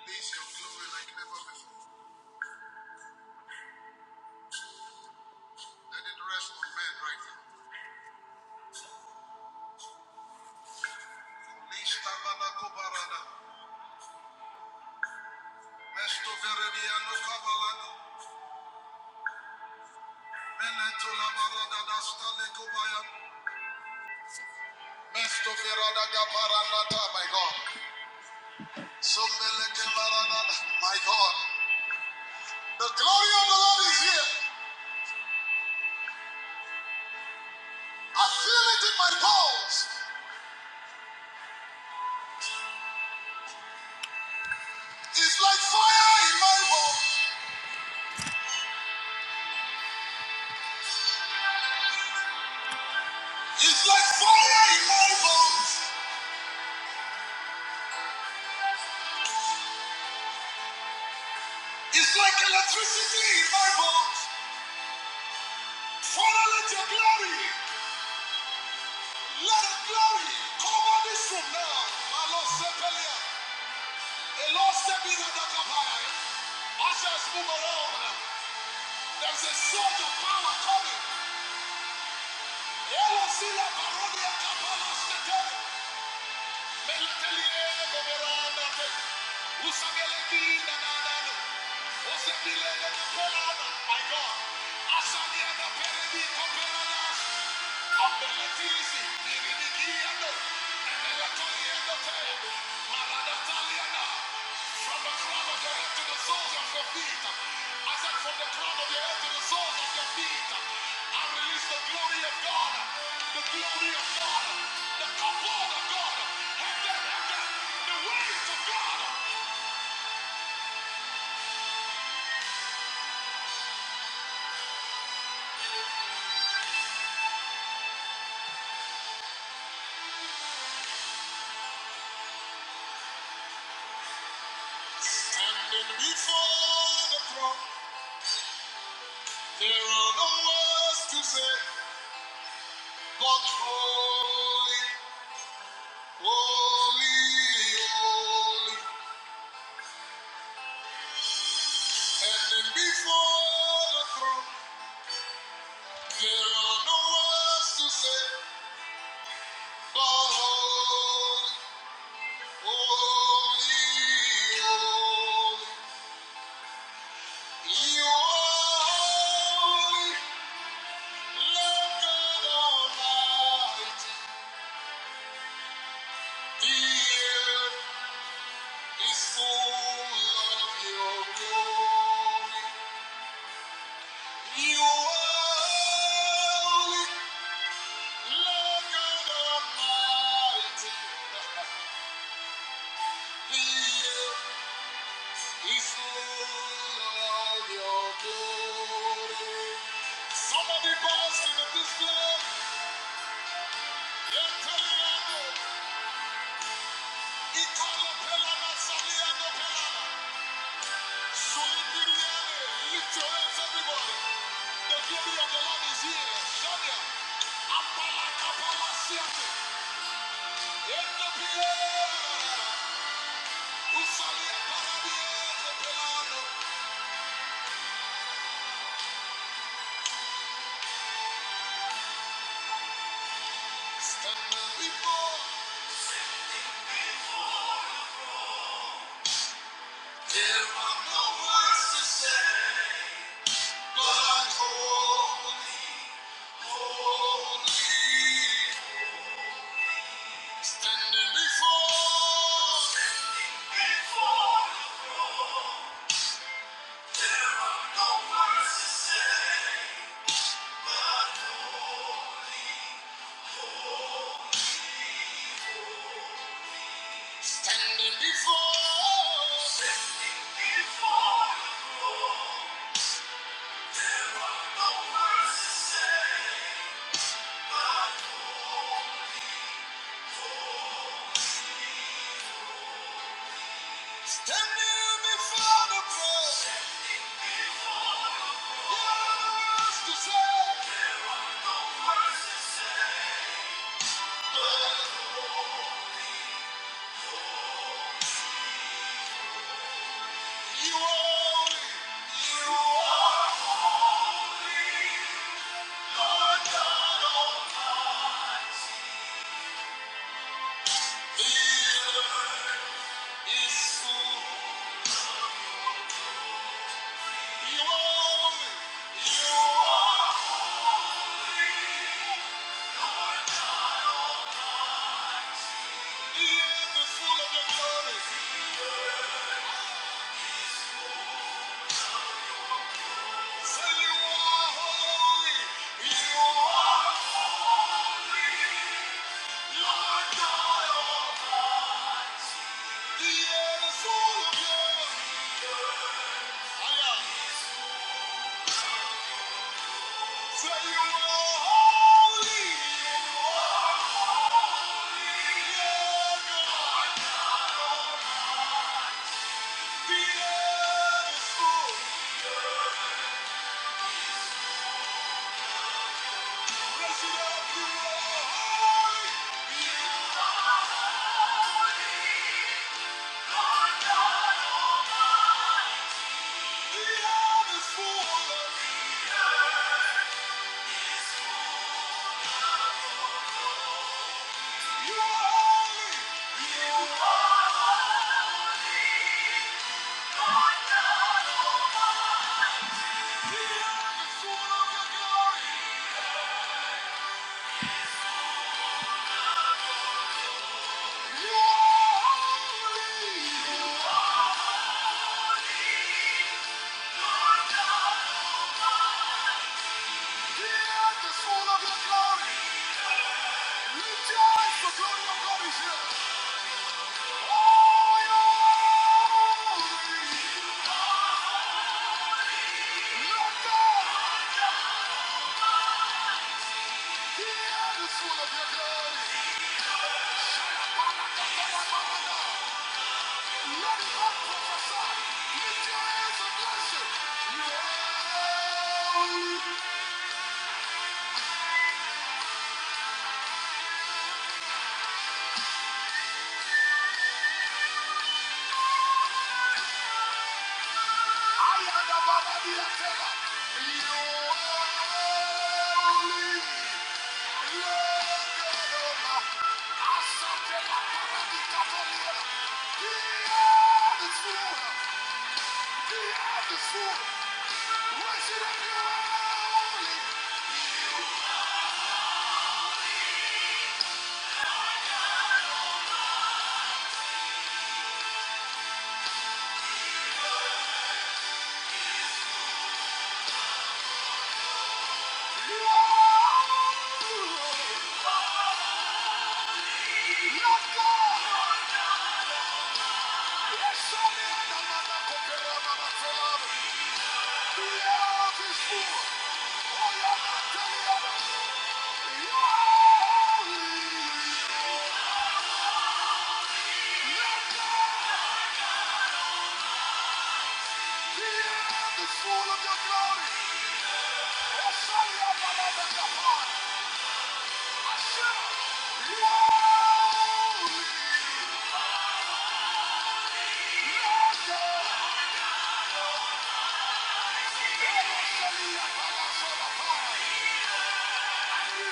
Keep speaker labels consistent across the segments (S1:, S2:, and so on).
S1: Release your glory like never before. Let it rest on men right now. my God. my God. The glory of the Lord is here. I feel it in my bones. It's like fire in my bones. It's like fire in my bones. It's like electricity in my bones. Father, let your glory. Let the glory come on this room now. My Lord Sepelia. The Lord step in at the kapaya. Ushers move around. There's a surge of power coming. Elo sila parodia kapala stete. no From the crown of your head to the soles of your feet. I said from the crown of your head to the soles of your feet. I release the glory of God. The glory of God, the kabod of God, heaven, heaven, the ways of God. Standing before the throne, there are no words to say, but holy, holy, holy. Standing before the throne, there are no words to say, but holy, holy, holy. You are holy. Somebody burst into this place. Eternal, eternal, eternal, eternal, eternal. Lift your hands, everybody. The glory of the Lord is here. Sonia, Apalakapalasiate. Ethiopia. Usalia Parabia Capelano. Standing before. There are no words to say. But holy, holy. Standing before. Before. There are no words to say. Standing before, standing before the throne, there are no words to say but hope. for. Standing before the throne, there are no words to say. no Words to say. You are, you are healer is full. You are, you are. Thank you. I am the Holy. Thank you. Thank you.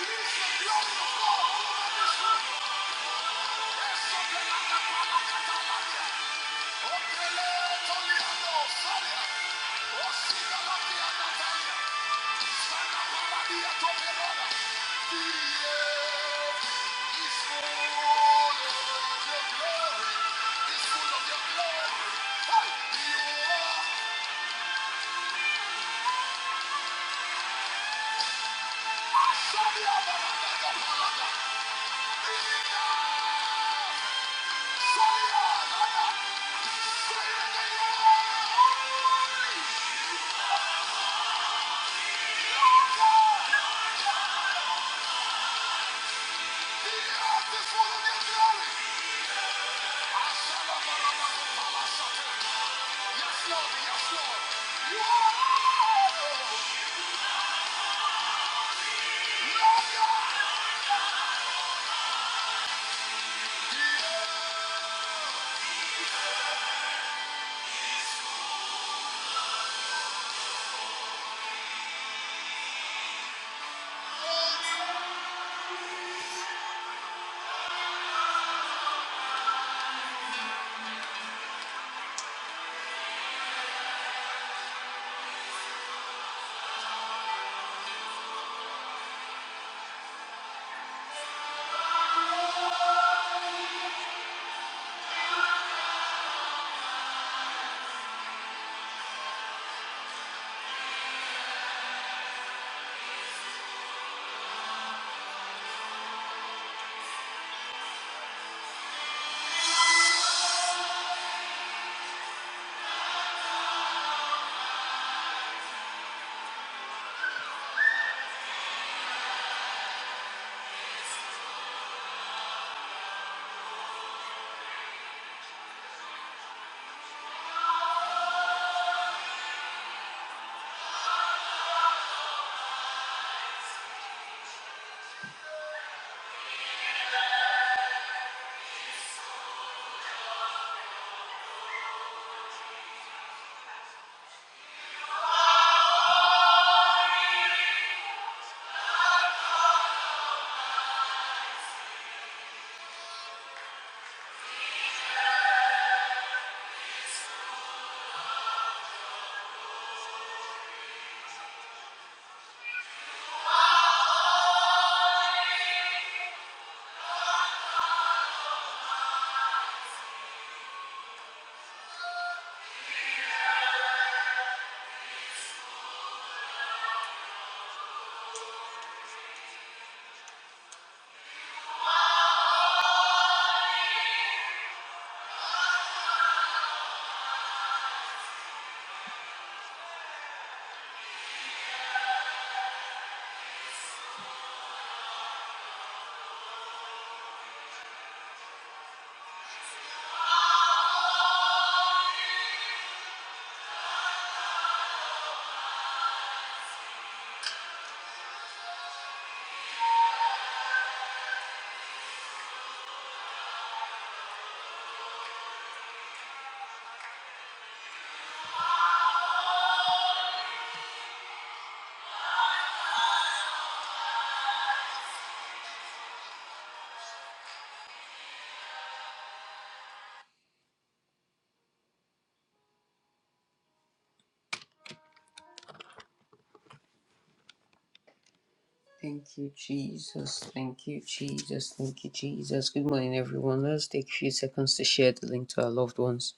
S1: Thank you, Jesus. Thank you, Jesus. Thank you, Jesus. Good morning, everyone. Let's take a few seconds to share the link to our loved ones.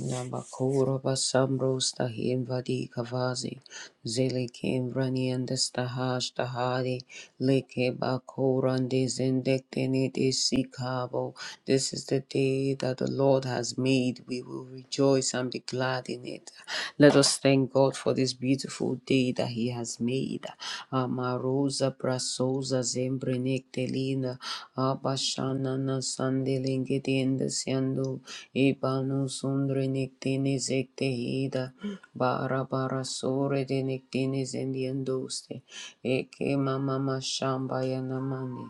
S1: Namakura Basambros Tahimvadi Kavazi Zelikim Branian Destahash Tahari Leke Bakurandi Zendekteniti Sikabo. This is the day that the Lord has made. We will rejoice and be glad in it. Let us thank God for this beautiful day that he has made. Amarosa prasosa zembrenectelina abashanana sandelingedende siando ibanu sundrenectine sectehida bara bara sore de nectine zendiendoste eke mama mashamba yanamani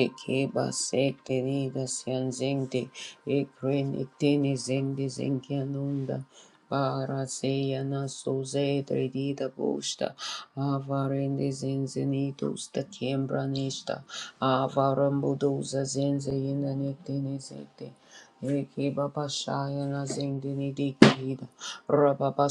S1: eke basektenida sianzengte ekrenectine zendi zengianunda Paraseyana soze tredida boshta. Avarende zenze nitos da kembra nishta. Avarambudoza zenze yena nektene zete. Eki babashayana zendini dikida. rababa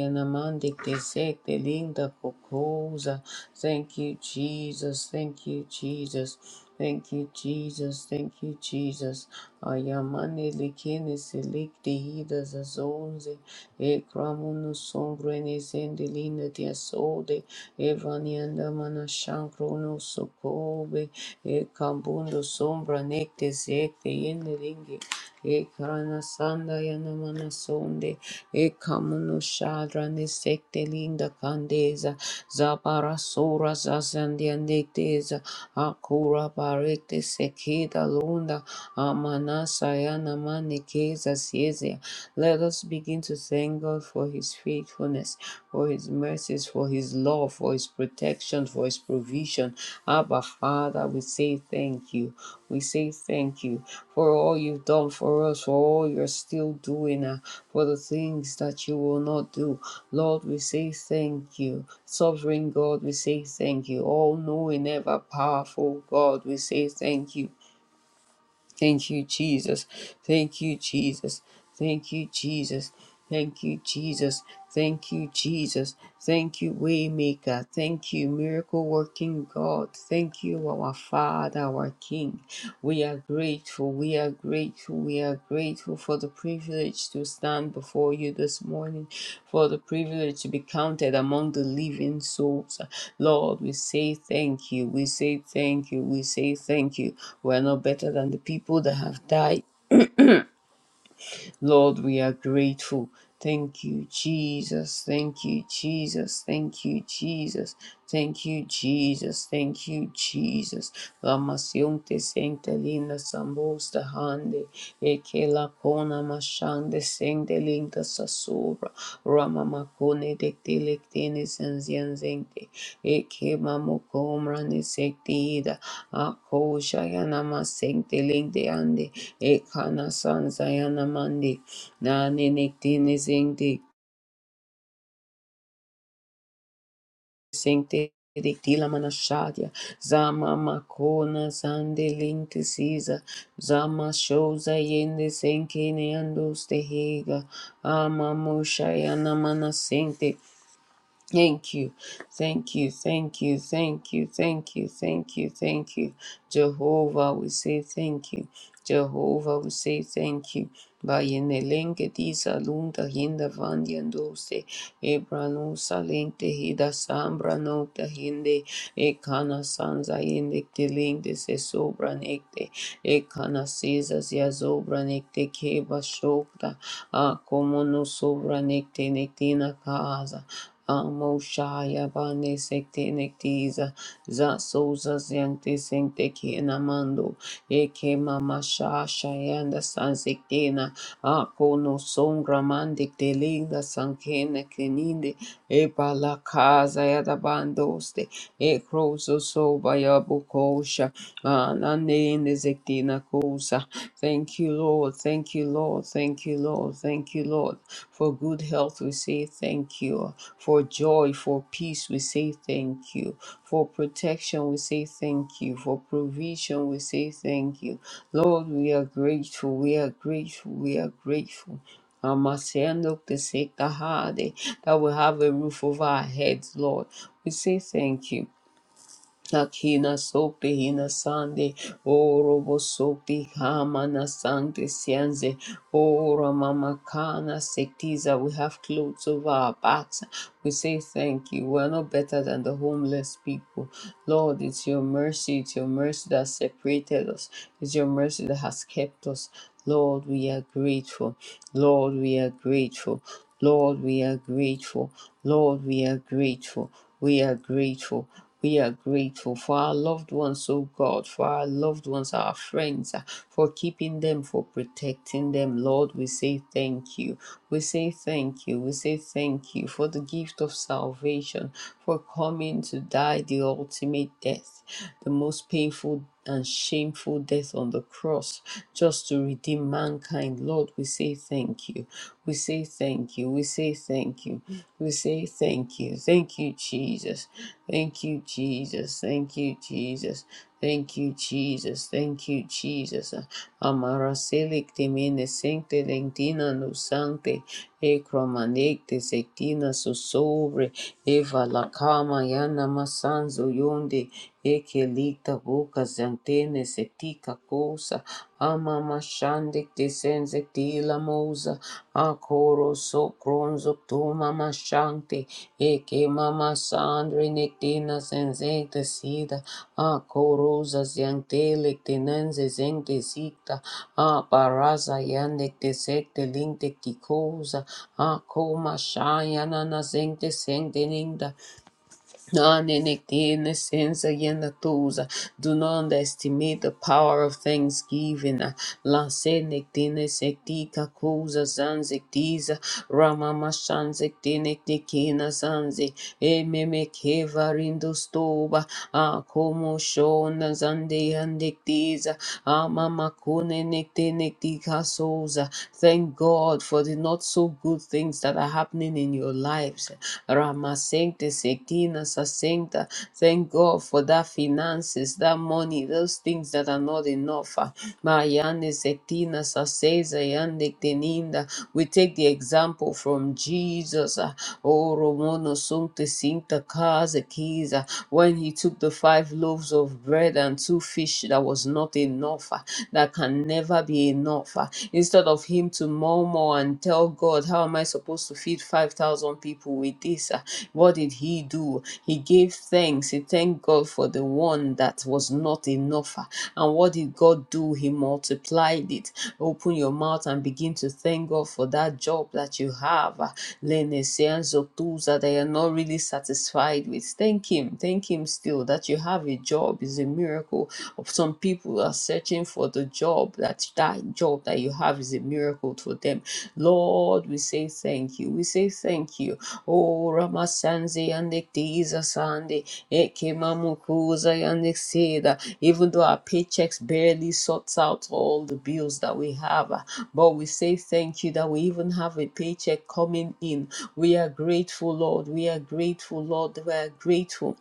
S1: yana mandikte sekte linda kokoza. Thank you, Jesus. Thank you, Jesus. Thank you, Jesus. Thank you, Jesus. Ayamane lekene selikte hida zazonze. Ekramunu sombrene sendelina tiasode. Evanianda mana shankrono sokobe. Ekabundo sombra nekte zekte yeneringe. Ekarana sanda yana sonde. Ekamuno shadra ne linda kandeza. Zabara sora zazandi Akura barete sekida lunda. Amana sayana siezia. Let us begin to thank God for his faithfulness, for his mercies, for his love, for his protection, for his provision. Abba Father, we say thank you. We say thank you for all you've done for us, for all you're still doing, uh, for the things that you will not do. Lord, we say thank you. Sovereign God, we say thank you. All knowing, ever powerful God, we say thank you. Thank you, Jesus. Thank you, Jesus. Thank you, Jesus. Thank you, Jesus. Thank you, Jesus. Thank you, Waymaker. Thank you, miracle working God. Thank you, our Father, our King. We are grateful. We are we are grateful. We are grateful for the privilege to stand before you this morning, for the privilege to be counted among the living souls. Lord, we say thank you. We say thank you. We say thank you. We are no better than the people that have died. Lord, we are grateful. Thank you, Jesus. Thank you, Jesus. Thank you, Jesus. Thank you, Jesus. Thank you, Jesus. La masiunte sente linda sambosta hande. Eke la kona mashande sente Tinta sasura rama makune de tilectine senzienzente eke mamukomra sektida sectida akosha yanama sente lente ande ekana sanza yanamande nane nectine sente sente Dictila manashadia, Zama Makona Sande Linke Caesar, Zama Shoza Yende Senkene Andos de Hega, Ama Moshayana Manasente, Thank you, thank you, thank you, thank you, thank you, thank you, thank you. Jehovah, we say thank you. Jehovah, we say thank you. Bayene lenge disa lunda hinda vandiandose, ebranu salente hida sambra nocta hinde, ekana sanza indicte linde se sobra necte, ekana sesas ya sobra necte keba shokta, a como no sobra necte nectina casa. Amoshaya bane sekte nektiza za soza zente sente ki namando eke mama shasha yanda san sektena ako no songra mande telinda sankene keninde e pala casa yada bandoste e croso soba ya bukosha anande inde sektina kosa Thank you. Thank you, Lord. Thank you, Lord. Thank you, Lord. Thank you, Lord. For good health, we say thank you. For joy, for peace, we say thank you. For protection, we say thank you. For provision, we say thank you. Lord, we are grateful. We are grateful. We are grateful. Amasiando Peseta Hade, That we have a roof over our heads, Lord. We say thank you. Akina sopi hina sande, orobo sopi hamana sande sianze, ora mama kana sektiza. We have clothes over our backs. We say thank you. We are no better than the homeless people. Lord, it's your mercy, it's your mercy that separated us. It's your mercy that has kept us. Lord, we are grateful. Lord, we are grateful. Lord, we are grateful. Lord, we are grateful. We are grateful. We are grateful for our loved ones, oh God, for our loved ones, our friends, uh, for keeping them, for protecting them. Lord, we say thank you. We say thank you. We say thank you for the gift of salvation, for coming to die the ultimate death, the most painful and shameful death on the cross just to redeem mankind. Lord, we say thank you. We say say thank you. We say thank you. We say thank you. Thank you, Jesus. Thank you, Jesus. Thank you, Jesus. Thank you, Jesus. Thank you, Jesus. Amara selic temine sancte lentina no sancte. Ekromanekte sektina so sobre eva la kama yana masanzo yonde, ekelita boca zantene setika kosa, ama mashandek desenzek tila mosa, akoro so kronzo Shanti, Eke Mama Sandri Nictina Senzecta Sida, A Corosa Ziante Lictinense Zente Sicta, A Paraza Yanecte Secte Linte Ticosa, A Coma Shayanana Zente Sente Ninda, None in it, in the sense again the tools. Do not underestimate the power of thanksgiving. Lansenectine sectica cosa zanzectisa. Ramama shanzectinecticina zanzi. Ememe kevarindo stoba. A como shona zande andectisa. Amama cune nectinectica sosa. Thank God for the not so good things that are happening happening in your lives. Rama Sancta Sekina Sancta. Thank God for that finances, that money, those things that are not enough. Mayane Sektina Saseza Yande Teninda. We take the example from Jesus. uh, Oh Romono Suncta Sinta Kaza Kiza. When he took the five loaves of bread and two fish that was not enough, uh, that can never be enough. uh, instead of him to murmur and tell God, How am I supposed to feed 5,000 people with this? Ah, What did he do? He gave thanks. He thanked God for the one that was not enough. Ah, And what did God do? He multiplied it. Open your mouth and begin to thank God for that job that you have. Ah, Lene of tools that they are not really satisfied with. Thank Him. Thank Him still that you have a job is a miracle of some people are searching for the job that that job that you have is a miracle for them. Lord, we say thank you. We say thank you. Oh, Ramasanzi and the Ektiza Sandi, Ekemamukuza and the Ekseda. Even though our paychecks barely sorts out all the bills that we have, ah, but we say thank you that we even have a paycheck coming in. We are grateful, Lord. We are grateful, Lord. We are grateful.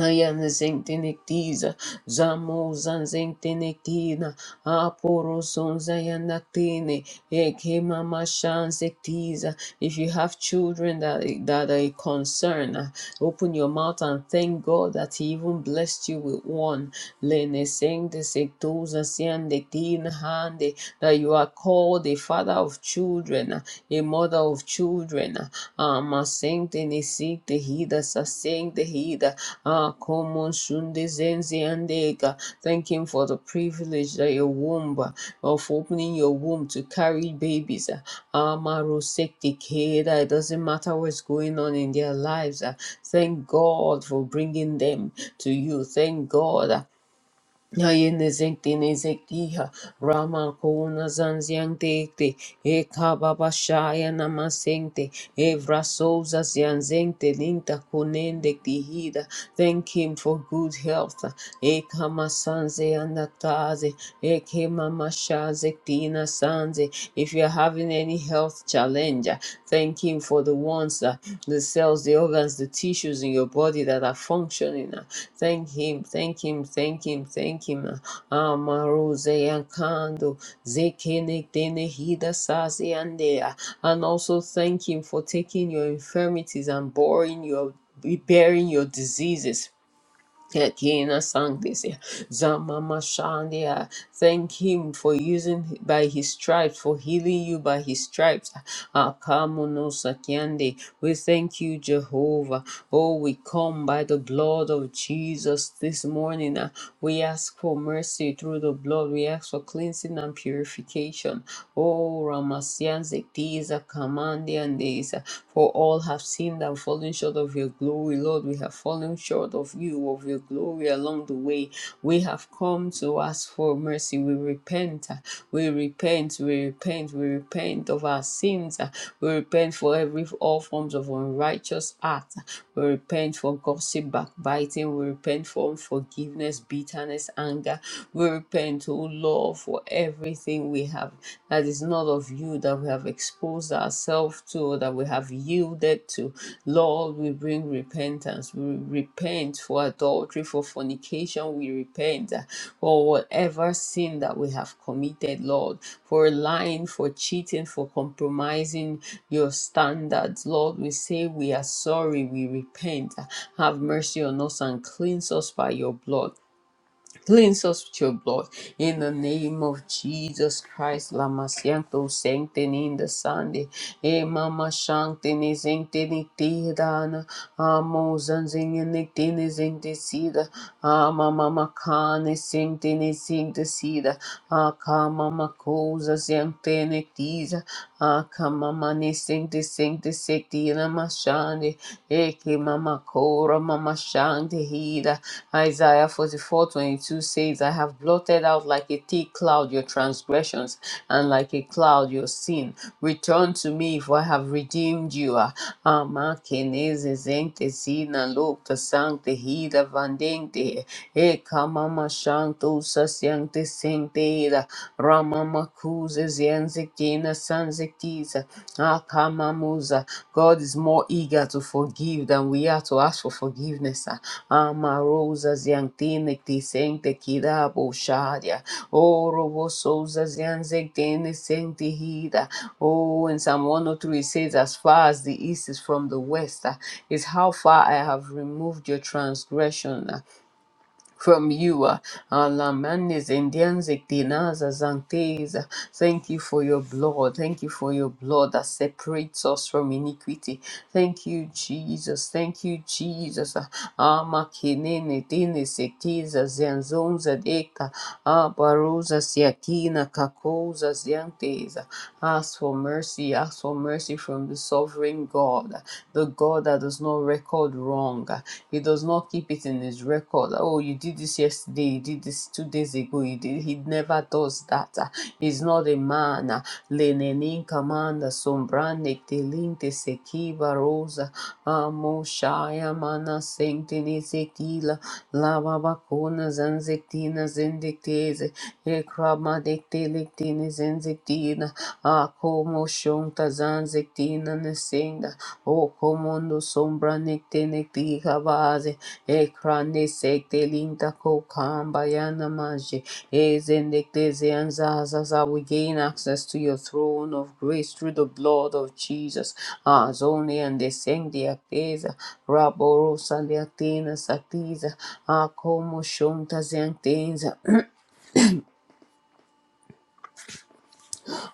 S1: Ayan zentenektiza, zamo zanzentenektina, aporo zonzayanaktene, ekema mashansektiza. If you have children that, that are a concern, uh, open your mouth and thank God that He even blessed you with one. Lene sengtesektoza sianektina hande, That you are called a father of children children, uh, a mother of children. Um, sanctini sicti hida sancti hida. Ah, common sundi zenzi andega. Thank him for the privilege that your womb uh, of opening your womb to carry babies. uh, Amaro secti keda. It doesn't matter what's going on in their lives. uh, Thank God for bringing them to you. Thank God. Yayende zekte ne zektiha Rama kona zanziang tekte E kababa shaya namasengte E vrasoza zianzengte linta konende ktihida Thank him for good health E kama sanze andataze E kema masha zektina sanze If you are having any health challenge. Thank Him for the ones that the cells, the organs, the tissues in your body that are functioning. Uh, Thank him, thank him, thank him, thank him. Amarose Yankando, Zekene Dene Hida Sasi Andea. And also thank him for taking your infirmities and boring your bearing your diseases Kekina sang this yeah. Zama Mashandia. Thank him for using by his stripes, for healing you by his stripes. Akamono Sakyande. We thank you, Jehovah. Oh, we come by the blood of Jesus this morning. ah. We ask for mercy through the blood. We ask for cleansing and purification. Oh, Ramasian Zektiza Kamandian For for all have sinned and fallen short of your glory. Lord, we have fallen short of you, of your glory along the way. We have come to ask for mercy. We repent. uh, We repent. We repent. We repent of our sins. uh, We repent for every all forms of unrighteous act. uh, We repent for gossip, backbiting. We repent for unforgiveness, bitterness, anger. We repent, oh Lord, for everything we have have that is not of you that we have exposed ourselves to or that we have yielded to lord we bring repentance we repent for adultery for fornication we repent uh, for whatever sin that we have committed lord for lying for cheating for compromising your standards lord we say we are sorry we repent have mercy on us and cleanse us by your blood Cleanse us with your blood. In the name of Jesus Christ, Lama Sianto Sanctini in the Sunday. E Mama Shantini Sanctini Tidana. Amo Zanzini Nictini Sancticida. Ama Mama Kane Sanctini Sancticida. Aka Mama Cosa Sanctini Tiza. Aka Mama Ne Sancti Sancti Sancti Lama Shandi, Eke Mama Kora Mama Shandi Hida. Isaiah 44:22 says, I have blotted out like a thick cloud your transgressions and like a cloud your sin. Return to me, for I have redeemed you. Ama keneze zente zina lopta sancte hida vandente. Eka mama shanto sasyante sente ida. Kuza Zienzikina Sanziktiza Akamamuza. God is more eager to forgive than we are to ask for forgiveness. Amarosa Ziantinikti Sente Kidabo Shadia. Orobo Souza Zianziktini Sente Hida. Oh, in Psalm 103 it says, As far as the east is from the west, uh, is how far I have removed your transgression from you. uh, Alamandes, Indians, Ectinas, Azantes. Thank you for your blood. Thank you for your blood that separates us from iniquity. Thank you, Jesus. Thank you, Jesus. Amakinene, Dines, Ectiza, Zanzonza, Deca, Abarosa, Siakina, Kakosa, Ziantes. Ask for mercy. Ask for mercy from the sovereign God, the God God that does not record wrong. He does not keep it in his record. Oh, you did this yesterday, you did this two days ago, you did he never does that. He's not a man. Lenenin commanda sombrane telinte sekiva rosa amoshaya mana sentine sekila lava vacunas anzectinas indictese e crama dectilictinis a como shunta zan zektina nesinda. O comundo sombra necte necti base. E crane secte linta kokamba yana manje. E zendekte zeanzazaza. We gain access to your throne of grace through the blood of Jesus. Ah, zone and descendi acteza. Raborosa leactina satiza. a como shunta zeantenza.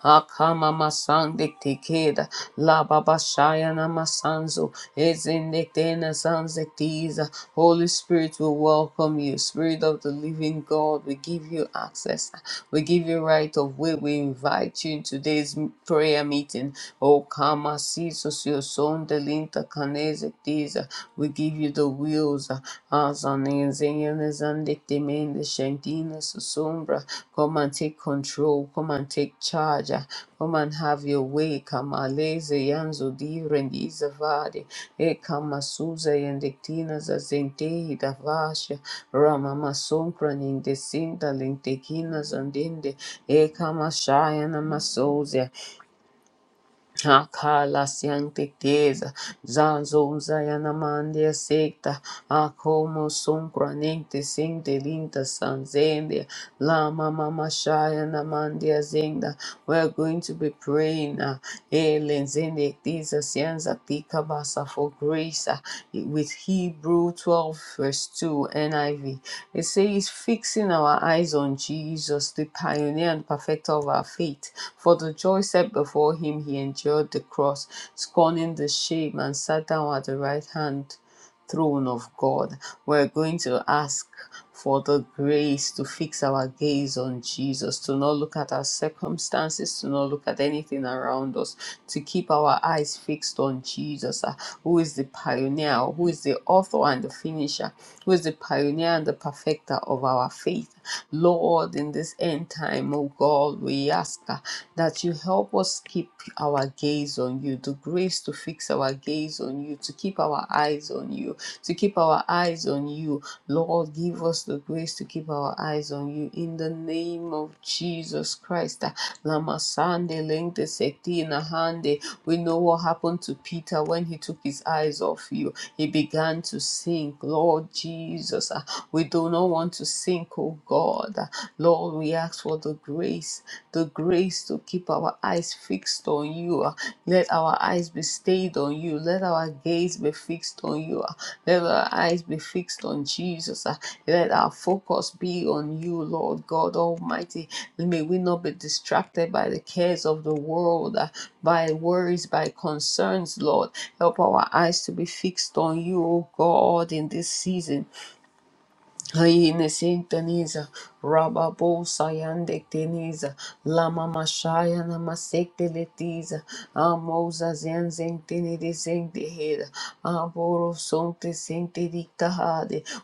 S1: Akama masandikti keda. La babashaya namasanzo. Ezindiktena sanzektiza. Holy Spirit will welcome you. Spirit of the living God, we give you access. We give you right of way. We invite you in today's prayer meeting. O Kama Sisos, your son, Delinta Kanezektiza. We give you the wheels. Azanezeyele zandetemende shendina susumbra. Come and take control. Come and take charge. ah. Come and have your way. Kamaleze yanzo di rendiza vade. E kamasuza yendektina zazentei davasha. Rama masonkra nindesinda lintekina zandinde. E kamashayana masoze. Akala siante teza, zayana mandia secta, akomo son sente linta sanzendia, lama mama shayana mandia zenda. We're going to be praying. uh, Elen zende tiza Ikabasa for grace uh, with Hebrew 12 verse 2 NIV. It says, fixing our eyes on Jesus, the pioneer and perfecter of our faith. For the joy set before him, he endured the cross, scorning the shame, and sat down at the right hand throne of God. We're going to ask for the grace to fix our gaze on Jesus, to not look at our circumstances, to not look at anything around us, to keep our eyes fixed on Jesus, uh, who is the pioneer, who is the author and the finisher, who is the pioneer and the perfecter of our faith. Lord, in this end time, oh God, we ask uh, that you help us keep our gaze gaze on you, the grace to fix our gaze on you, to keep our eyes on you, to keep our eyes on you. Lord, give us the grace to keep our eyes on you in the name of Jesus Christ. Lamasande lengte sekti in a hande. We know what happened to Peter when he took his eyes off you. He began to sink. Lord Jesus, ah, we do not want to sink, oh God. Ah, Lord, we ask ask for the grace, the grace to keep our eyes fixed on you. ah. Let our eyes be stayed on you. Let our gaze be fixed on you. ah. Let our eyes be fixed on Jesus. ah. Let our focus be on you, Lord God Almighty. May we not be distracted by the cares of the world, ah, by worries, by concerns, Lord. Help our eyes to be fixed on you, O God, in this season Hayine Sintaniza, Rababo Sayande Lama Mashaya Namasekte Amosa Zen Zentini Aboro Sonte Sente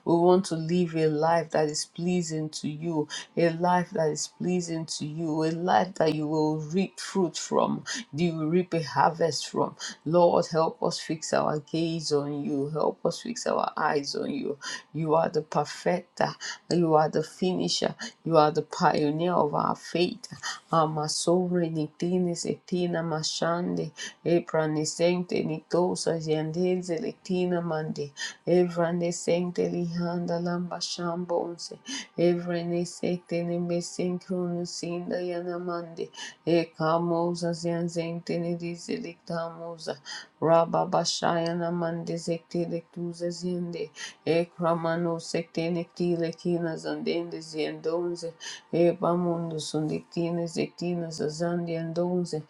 S1: We want to live a life that is pleasing to you, a life that is pleasing to you, a life that you will reap fruit from, you will reap a harvest from. Lord, help us fix our gaze on you help us fix our eyes on you. You are the perfecter, you are the finisher, you are the pioneer of our faith. Ama sobre ni tienes etina mashande, epranescente ni tosas yandense letina mande, evanescente li handa lamba shambonse, evanescente ni mesincronus inda yanamande, e camosas yanzente ni Lamuza, Rababashayana Mandi Sekti Lektuza Zinde, Ekramano Sekti Nekti Lekina Zandende Ziendonze, Ebamundo Sundiktine Zektina Zazandi Andonze,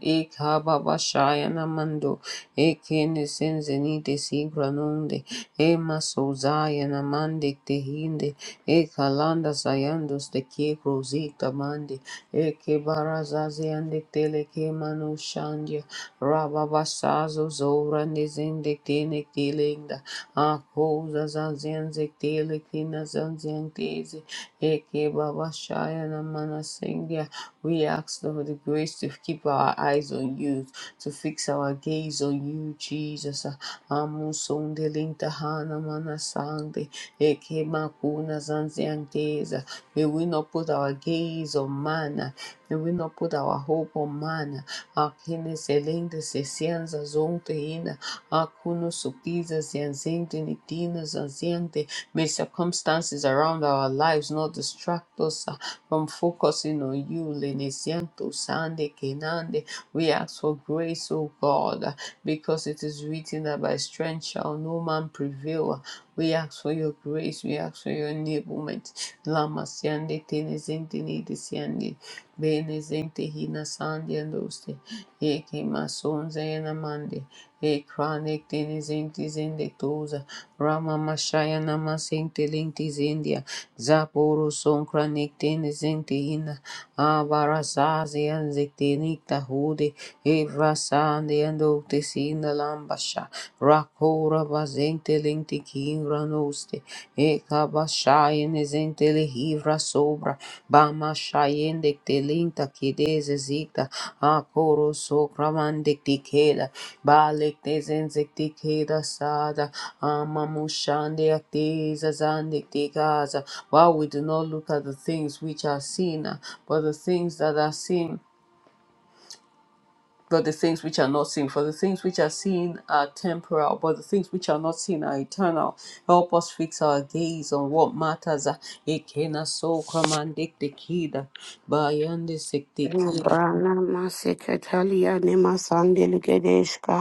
S1: Ikababashayana Mando, Ekene Senzenite Sigranonde, Ema Sozayana Mandi Tehinde, Ekalanda Sayandos de Kekro Zikta Mandi, Eke barazazi andiktele manu shandya. Rababasazo zora nizindiktinik tilingda. Akoza zanzianzik tilikina zanziantezi. Eke babashayana manasingya. We ask for the grace to keep our eyes on you, to fix our gaze on you, Jesus. Amusondelintahana manasande. Eke makuna zanzianteza. May we not put our gaze on man and we not put our hope on man. Aquele excelentes essenças ontem, aquele suquisas e anzente nitinas, anziente, May circumstances around our lives not distract us uh, from focusing on you. Lene siento, sande, kenande. We ask for grace, O God, uh, because it is written that by strength shall no man prevail. Uh, We ask for your grace. We ask for your enablement. Lama siande, tene zente, nidi siande. Bene hina sande, andoste. Eke masonze, enamande. Ekranek tenizinti zindetuza. Rama mashaya namasinti linti zindia. Zapuru sonkranik tenizinti ina. Avarasazi anziktinikta hude. Evrasandi andoktis inda lambasha. Rakura vazinti linti kinra noste. Rabashayene Zentele Hivra Sobra Bama Shayende Telinta Kideze Zita Akoro Sokramande Tikela Balek Tezenzek Sada Amamushande Aktiza Zandek Tikaza. While we do not look at the things which are seen, but the things that are seen but the things which are not seen. For the things which are seen are temporal, but the things which are not seen are eternal. Help us fix our gaze on what matters. Ekena so commanded the kid. Bayande
S2: Brana masekatalia ne masandelikadeshka.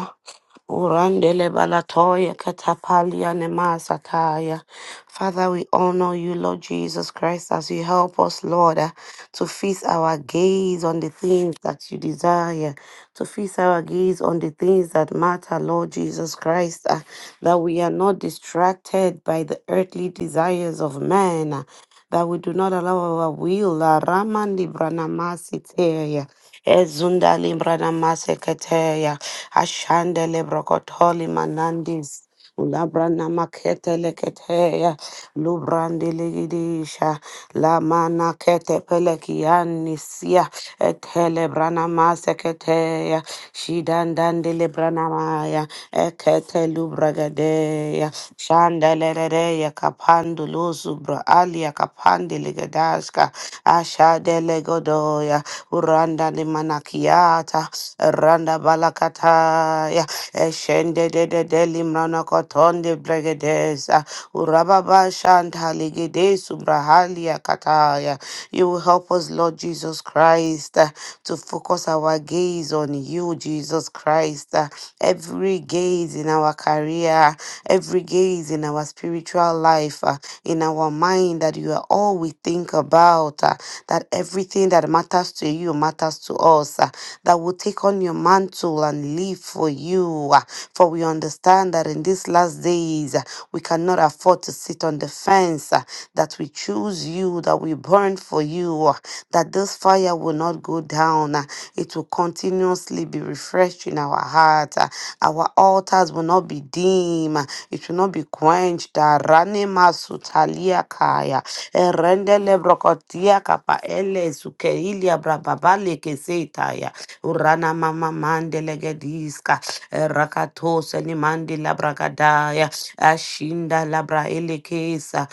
S2: Urandele balatoya katapalia nemasataya. Father, we honor you, Lord Jesus Christ, as you help us, Lord, uh, to fix our gaze on the things that you desire, to fix our gaze on the things that matter, Lord Jesus Christ, uh, that we are not distracted by the earthly desires of man, uh, that we do not allow our will, uh, Raman Libranamasi Ezunda limbrana maseketeya. Ashande lebrokotoli manandis. Ulabrana makete leketeya. Lubrandi ligidisha. La mana kete pelekianisia. Etele brana maseketeya. Shidandandi lebrana maya. Ekete lubragadeya. Shandelereya kapandu luzubra Italia kapande ligadaska asha delegodoya uranda limanakiata randa balakataya eshende de de de limrana kotonde bregedesa urababa shanta ligede subrahalia kataya you will help us Lord Jesus Christ uh, to focus our gaze on you Jesus Christ uh, every gaze in our our career, every gaze in our spiritual life, uh, in our mind, that you are all we think about, uh, that everything that matters to you matters to us, uh, that will take on your mantle and live for you. uh, For we understand that in these last days, uh, we cannot afford to sit on the fence, uh, that we choose you, that we burn for you, uh, that this fire will not go down, uh, manner. It will continuously be refreshed in our heart. Uh, Our altars will not be dim. Uh, It will not be quenched. Uh, Rane masutalia kaya. Erendele brokotia kapa ele sukeilia brababale keseitaya. Urana mama mandele gediska. Rakatose ni mandila bragadaya. Ashinda labra elekesa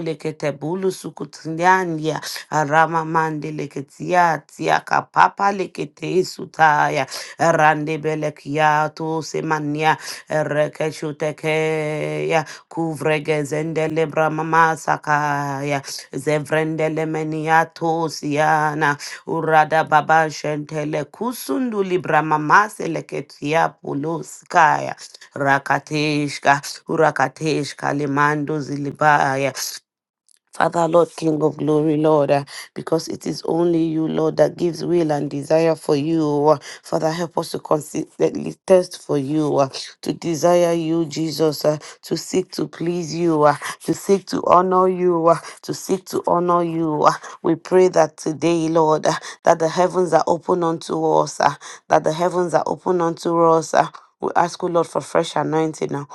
S2: bo lekete bulu sukutinyandia rama mande leketia tia kapapa lekete sutaya rande belekia to semania rekeshuteke ya kuvrege zendele bramama sakaya, zevrendele menia tosiana urada baba shentele kusunduli brama maseleketia puluskaya rakateshka urakateshka limando zilibaya Father, Lord, King of glory, Lord, uh, because it is only you, Lord, that gives will and desire for you. uh, Father, help us to consistently thirst for you, uh, to desire you, Jesus, uh, to seek to please you, uh, to seek to honor you, uh, to seek to honor you. Ah, We pray that today, Lord, ah, that the heavens are open unto us, ah, that the heavens are open unto us. ah. We ask you, Lord, for fresh anointing. ah,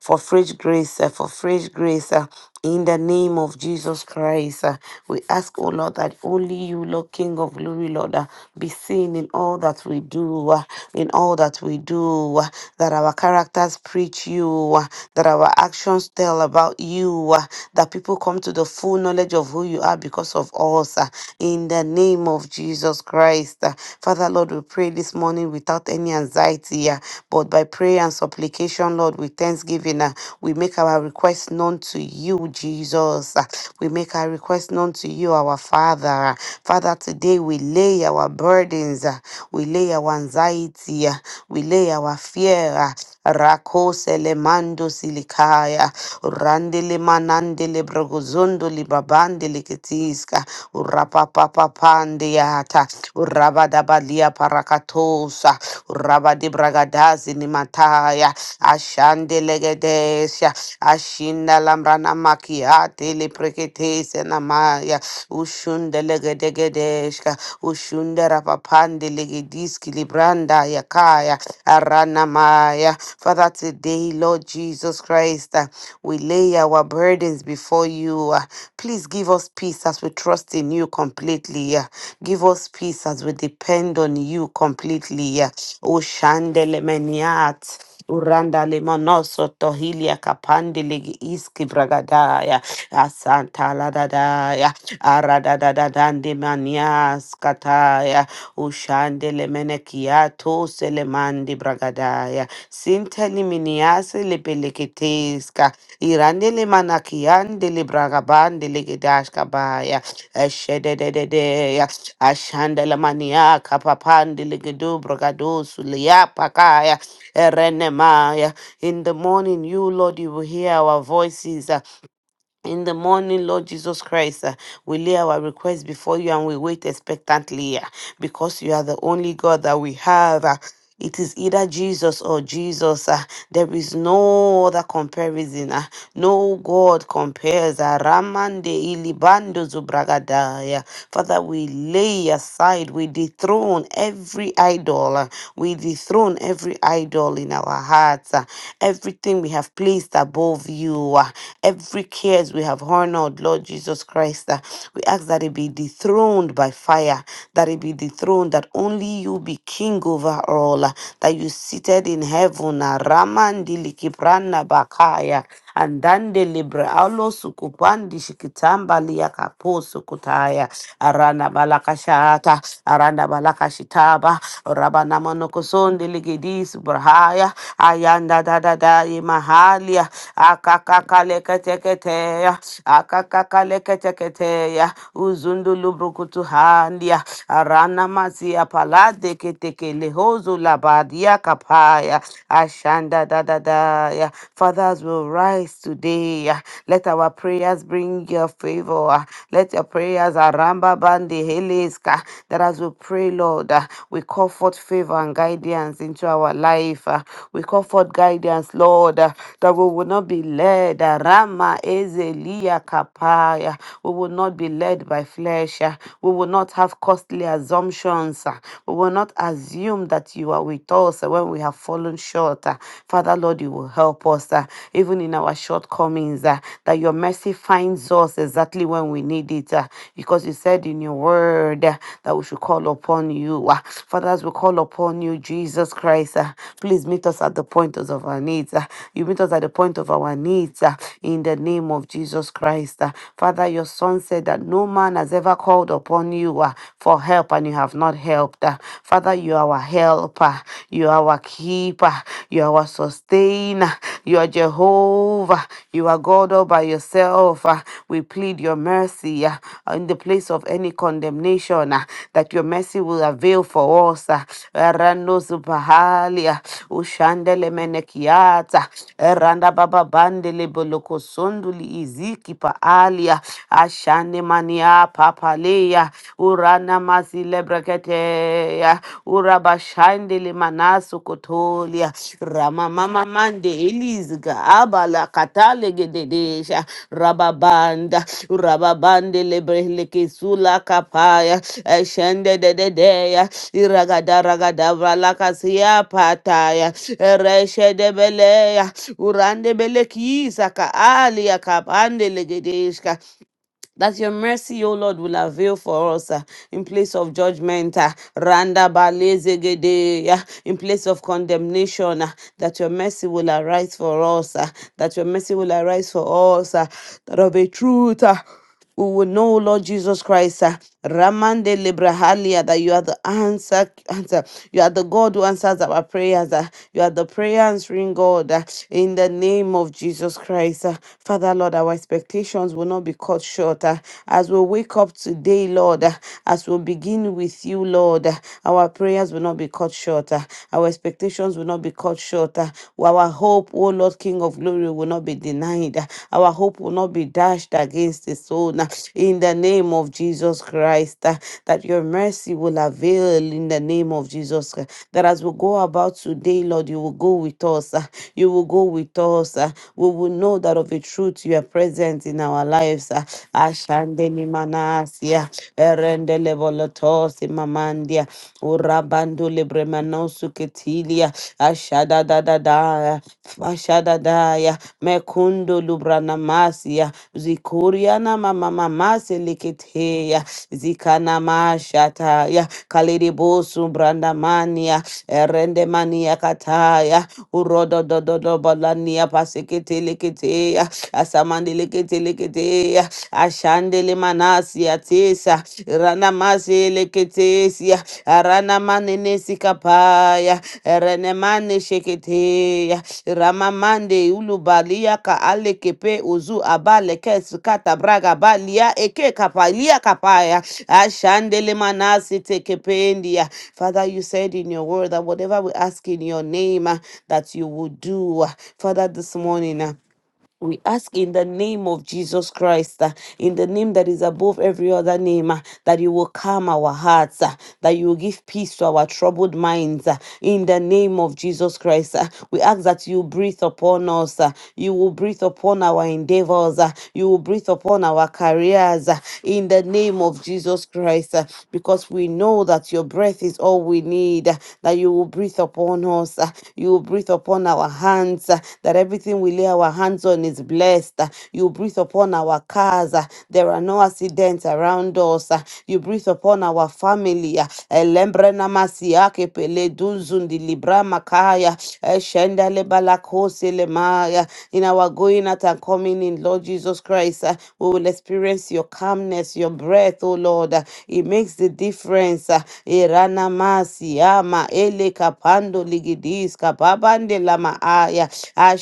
S2: For fresh grace, ah, for fresh grace, ah, in the name of Jesus Christ, ah. we ask, oh Lord, that only you, Lord, King of glory, Lord, ah, be seen in all that we do, ah, in all that we do, ah, that our characters preach you, ah, that our actions tell about you, ah, that people come to the full knowledge of who you are because of us. ah, in the name of Jesus Christ. ah. Father, Lord, we pray this morning without any anxiety, ah, but by prayer and supplication, Lord, with thanksgiving, ah, we make our request known to you, Jesus. ah. We make our request known to you, our Father. ah. Father, today we lay our burdens, ah, we lay our anxiety, ah, we lay our fear. ah, Rako selemando silikaya. Randele manandele brogozondo libabandele ketiska. Urapapapapandeyata. Urabadabalia parakatosa. Urabadibragadazi nimataya. Ashandelegedesia. Ashinda lambrana makiate le preketese namaya. Ushundelegedegedeshka. Ushunderapapandelegidiski libranda yakaya. Aranamaya. Father, today, Lord Jesus Christ. We lay our burdens before you. uh, Please give us peace as we trust in you completely. uh, Give us peace as we depend on you completely. uh. O Shandele Meniat. Uranda limonoso tohilia kapandele iski bragadaya asanta la dadaya arada dadadande manias kataya ushandele menekiato selemandi bragadaya sinteli miniasi lepeleketeska Irandele manakiandele bragabandele gedashkabaya. Eshedededea. Ashandele maniaka papandele gedu bragadosulia pakaya. Erenemaya. In the morning, you, Lord, you will hear our voices. uh, In the morning, Lord Jesus Christ. We lay our requests before you and we wait expectantly ah, because you are the only God that we have. ah. It is either Jesus or Jesus. ah. There is no other comparison. ah. No God compares. ah. Ramande ilibando zubragadaya. Father, we lay aside, we dethrone every idol. ah. We dethrone every idol in our hearts. ah. Everything we have placed above you, ah. every cares we have honored, Lord Jesus Christ. ah uh, we ask that it be dethroned by fire, that it be dethroned, that only you be king over all, uh, that you seated in heaven, uh, Ramandili Kiprana Bakaya, and Dandelibra Alo Sukupandi Shikitamba Liakapo Sukutaya, Arana Balakashata, Arana Balakashitaba, Rabana Monokosondi Ligidis Brahaya, Ayanda da da Dada Mahalia, Akakakaleketeketea, keteya uzundu lubrukutu handia arana masia palade keteke lehozu labadia kapaya ashanda da da da ya fathers will rise today ya. let our prayers bring your favor ah. let your prayers aramba bandi heleska that as we pray lord ah, we call forth favor and guidance into our life ah. we call forth guidance lord ah, that we will not be led ah, rama ezelia kapaya we will not be led by flesh. ah. We will not have costly assumptions. ah. We will not assume that you are with us ah, when we have fallen short. ah. Father, Lord, you will help us, ah, even in our shortcomings, ah, that your mercy finds us exactly when we need it. ah, Because you said in your word ah, that we should call upon you. ah. Father, as we call upon you, Jesus Christ, ah, please meet us at the point of our needs. ah. You meet us at the point of our needs ah, in the name of Jesus Christ. ah. Father, your your son said that no man has ever called upon you uh, for help and you have not helped. Uh, Father, you are our helper, you are our keeper, you are our sustainer, you are Jehovah, you are God all by yourself. Uh, we plead your mercy uh, in the place of any condemnation uh, that your mercy will avail for us. Uh, Erano Zubahalia, Ushandele Menekiata, Eranda Baba Bandele Bolokosonduli Iziki Paalia, ashane mania papalea urana mazilebreketea urabashande limanasu kotolia rama mama mande elizga abala katale gededesha rababanda rababande lebrelekesula kapaya eshende dededeya iragada ragada vralakasia pataya ereshedebeleya urandebelekisa ka alia kapande legedeshka that your mercy, O Lord, will avail for us ah, in place of judgment. ah, Randa balezegede, ah, in place of condemnation, ah, that your mercy will arise for us, ah, that your mercy will arise for us, ah, that of a truth. ah, we will know, Lord Jesus Christ, uh, Ramande Librahalia, that you are the answer, answer. You are the God who answers our prayers. uh, You are the prayer answering God. uh, In the name of Jesus Christ, uh, Father, Lord, our expectations will not not be cut short. uh, As we wake up today, Lord, uh, as we begin with you, Lord, uh, our prayers will not be cut short. uh, Our expectations will not be cut short. uh, Our hope, O Lord, King of glory, will not be denied. uh, Our hope will not be dashed against the stone. uh, In the name of Jesus Christ, uh, that your mercy will avail in the name of Jesus. uh, That as we go about today, Lord, you will go with us. uh, You will go with us. uh, We will know that of a truth you are present present in our lives. ah. Ashandeni manasia, erendele volotosi mamandia, urabandule bremanosu ketilia, ashadadadadaya, ashadadaya, mekundu lubranamasia, zikuriana mama mamamamasi liketeya, zikanamashataya, kaliribusu brandamania, erendemania kataya, urododododobalania pasikitilikitia, asamandele kete lekete ashandele manasi atesa rana masele ketesia arana manene sikapaya rene mane sheketeya ramamande ulubalia ka alekepe uzu abale kesikata braga balia eke kapalia kapaya ashandele manasi tekependia father you said in your word that whatever we ask in your name uh, that you will do Uh, father this morning uh, we ask in the name of Jesus Christ, uh, in the name that is above every other name, uh, that you will calm our hearts, uh, that you will give peace to our troubled minds. uh, in the name of Jesus Christ, uh, we ask that you breathe upon us, uh, you will breathe upon our endeavors, uh, you will breathe upon our careers. uh, in the name of Jesus Christ, uh, because we know that your breath is all we need, uh, that you will breathe upon us, uh, you will breathe upon our hands, uh, that everything we lay lay our hands on is blessed. You breathe upon our cars. There are no accidents around us. You breathe upon our family. Elembre namasiake pele dunzundi libra makaya. Eshenda lebalakose lemaya. In our going out and coming in, Lord Jesus Christ, uh, we will experience your calmness, your breath, oh Lord. Uh, It makes the difference. uh, Irana masiama ele kapando ligidis kapabande lama aya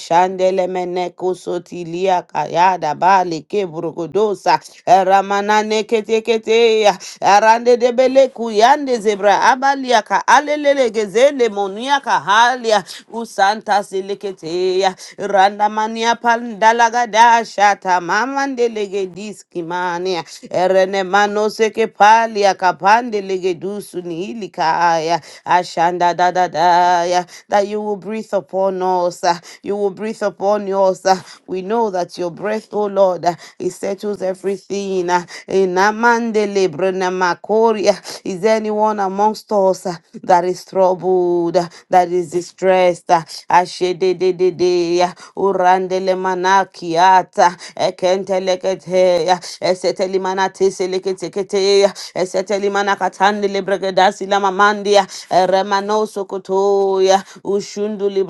S2: shandele mene kusotilia kayada bali kebrugodosa ramana nekete kete ya arande debele kuyande zebra abalia ka alelele gezele monia ka halia usanta selekete ya randa mania pandalaga dasha tamama ndelege diski mania erene mano seke palia kapande lege dusu ni hili kaya ashanda da da da ya that you will breathe upon us us. uh, You will breathe upon us. uh, We know that your breath, oh Lord, uh, it settles everything. uh, In Amandele Brenamakoria, is there anyone amongst us uh, that is troubled, uh, that is distressed? uh, Ashedededede, uh, Urandele Manakiata, Ekenteleketea, Esetelimanateseleketeketea, Esetelimanakatandele Bregedasila Mamandia, Remanosokotoya,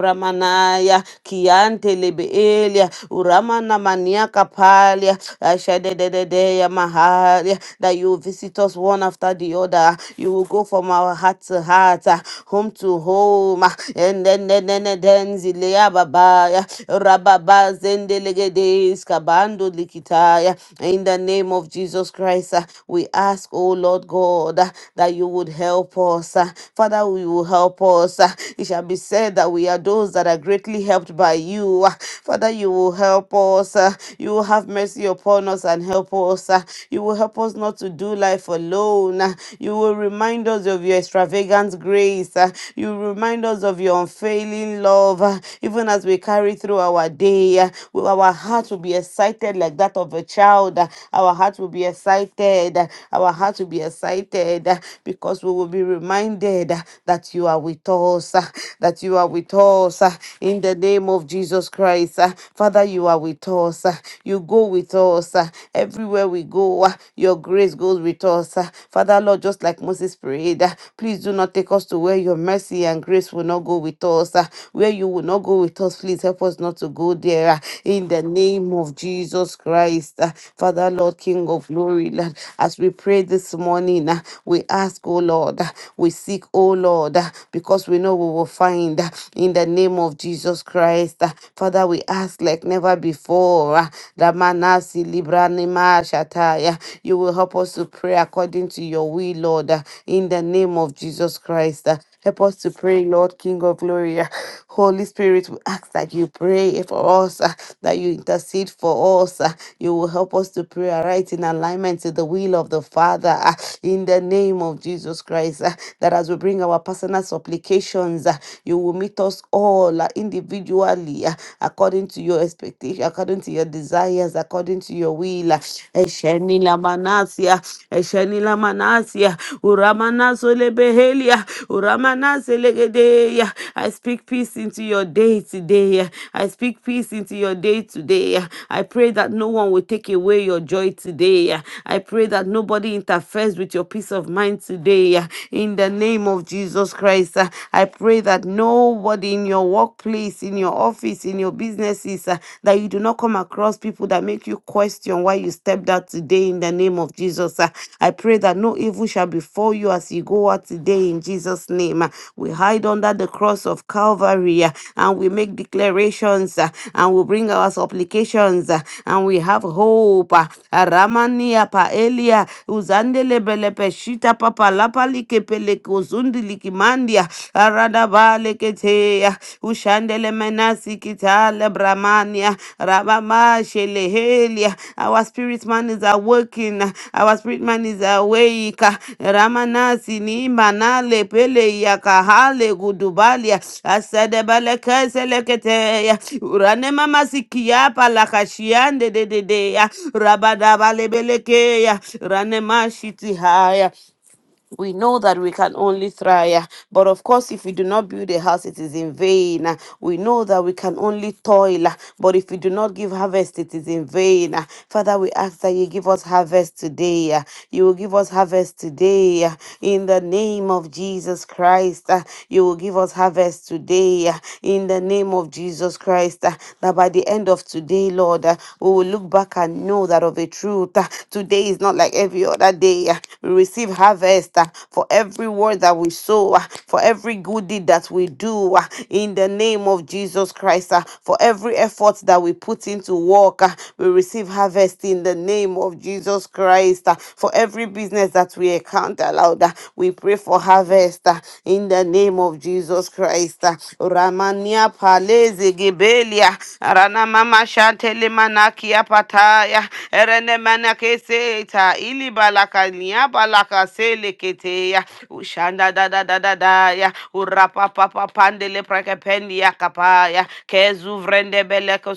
S2: ramanaya kiante lebeelia uramana maniaka palia ashadededea mahalia that you visit us one after the other you will go from our heart to heart ah, home to home ah, and then then then then then zilea babaya rababa zendelegedes kabando likitaya in the name of Jesus Christ ah, we ask oh Lord God ah, that you would help us ah. Father we will help us ah. it shall be said said that we are those that are greatly helped by you. Ah, Father, you will help us. ah. You will have mercy upon us and help us. ah. You will help us not to do life alone. ah. You will remind us of your extravagant grace. ah. You will remind us of your unfailing love. ah. Even as we carry through our day, ah, we- our heart will be excited like that of a child. ah. Our heart will be excited. ah. Our heart will be excited ah, because we will be reminded ah, that you are with us us, uh, that you are with us uh, in the name of Jesus Christ. uh. Father, you are with us. uh, You go with us uh, everywhere we go. uh, Your grace goes with us. uh. Father, Lord, just like Moses prayed, uh, please do not take us to where your mercy and grace will not go with us. uh, Where you will not go with us, please help us not to go there uh, in the name of Jesus Christ. uh. Father, Lord, King of glory, Lord, as we pray this morning, uh, we ask, oh Lord, uh, we seek, oh Lord. uh, because we know we will find uh, in the name of Jesus Christ. uh, Father, we ask like never before. uh, Ramanasi Libranima Shataya. You will help us to pray according to your will, Lord, uh, in the name of Jesus Christ. uh, Help us to pray, Lord, King of glory. uh, Holy Spirit, we ask that you pray for us, uh, that you intercede for us. uh, You will help us to pray right in alignment to the will of the Father uh, in the name of Jesus Christ. uh, That as we bring bring our personal supplications. uh, You will meet us all uh, individually uh, according to your expectation, according to your desires, according to your will. uh. Esheni lamanasia, esheni lamanasia, uramanaso lebehelia, uramanase legedeya. I speak peace into your day today. uh. I speak peace into your day today. uh. I pray that no one will take away your joy today. uh. I pray that nobody interferes with your peace of mind today. uh, In in the name of Jesus Christ. Uh, I pray that nobody in your workplace, in your office, in your businesses, uh, that you do not come across people that make you question why you stepped out today in the name of Jesus. Uh, I pray that no evil shall befall you as you go out today in Jesus' name. Uh, We hide under the cross of Calvary uh, and we make declarations uh, and we bring our supplications uh, and we have hope. Ramania paelia uzandele belepe shita papa lapalike peleko zundiliki mandia aradabale keteya ushandele menasi kitale bramania rabamashele helia our spirit man is awaking our spirit man is awake ramanasi ni manale pele yakahale gudubalia asadebale kesele keteya urane mama sikia palakashiande dededeya ya. Rabadaba lebeleke ya. rane mashiti haya we know that we can only try, uh, but of course, if we do not build a house, it is in vain. uh. We know that we can only toil, uh, but if we do not give harvest, it is in vain. uh. Father, we ask that you give us harvest today. uh. You will give us harvest today uh, in the name of Jesus Christ. uh. You will give us harvest today uh, in the name of Jesus Christ. uh, That by the end of today, Lord, uh, we will look back and know that of a truth, uh, today is not like every other day. uh. We receive harvest harvest, uh, for every word that we sow, uh, for every good deed that we do, uh, in the name of Jesus Christ, uh, for every effort that we put into work, uh, we receive harvest in the name of Jesus Christ, uh, for every business that we account aloud, uh, we pray for harvest uh, in the name of Jesus Christ. uh, Ramania Paleze Gebelia, Rana Mama Shantele Manakia Pataya, Erene Manakeseta, Ili Balaka kasele kete ya ushanda da da da da da ya urapa papa pandele prekependi ya kapaya kezu vrende beleko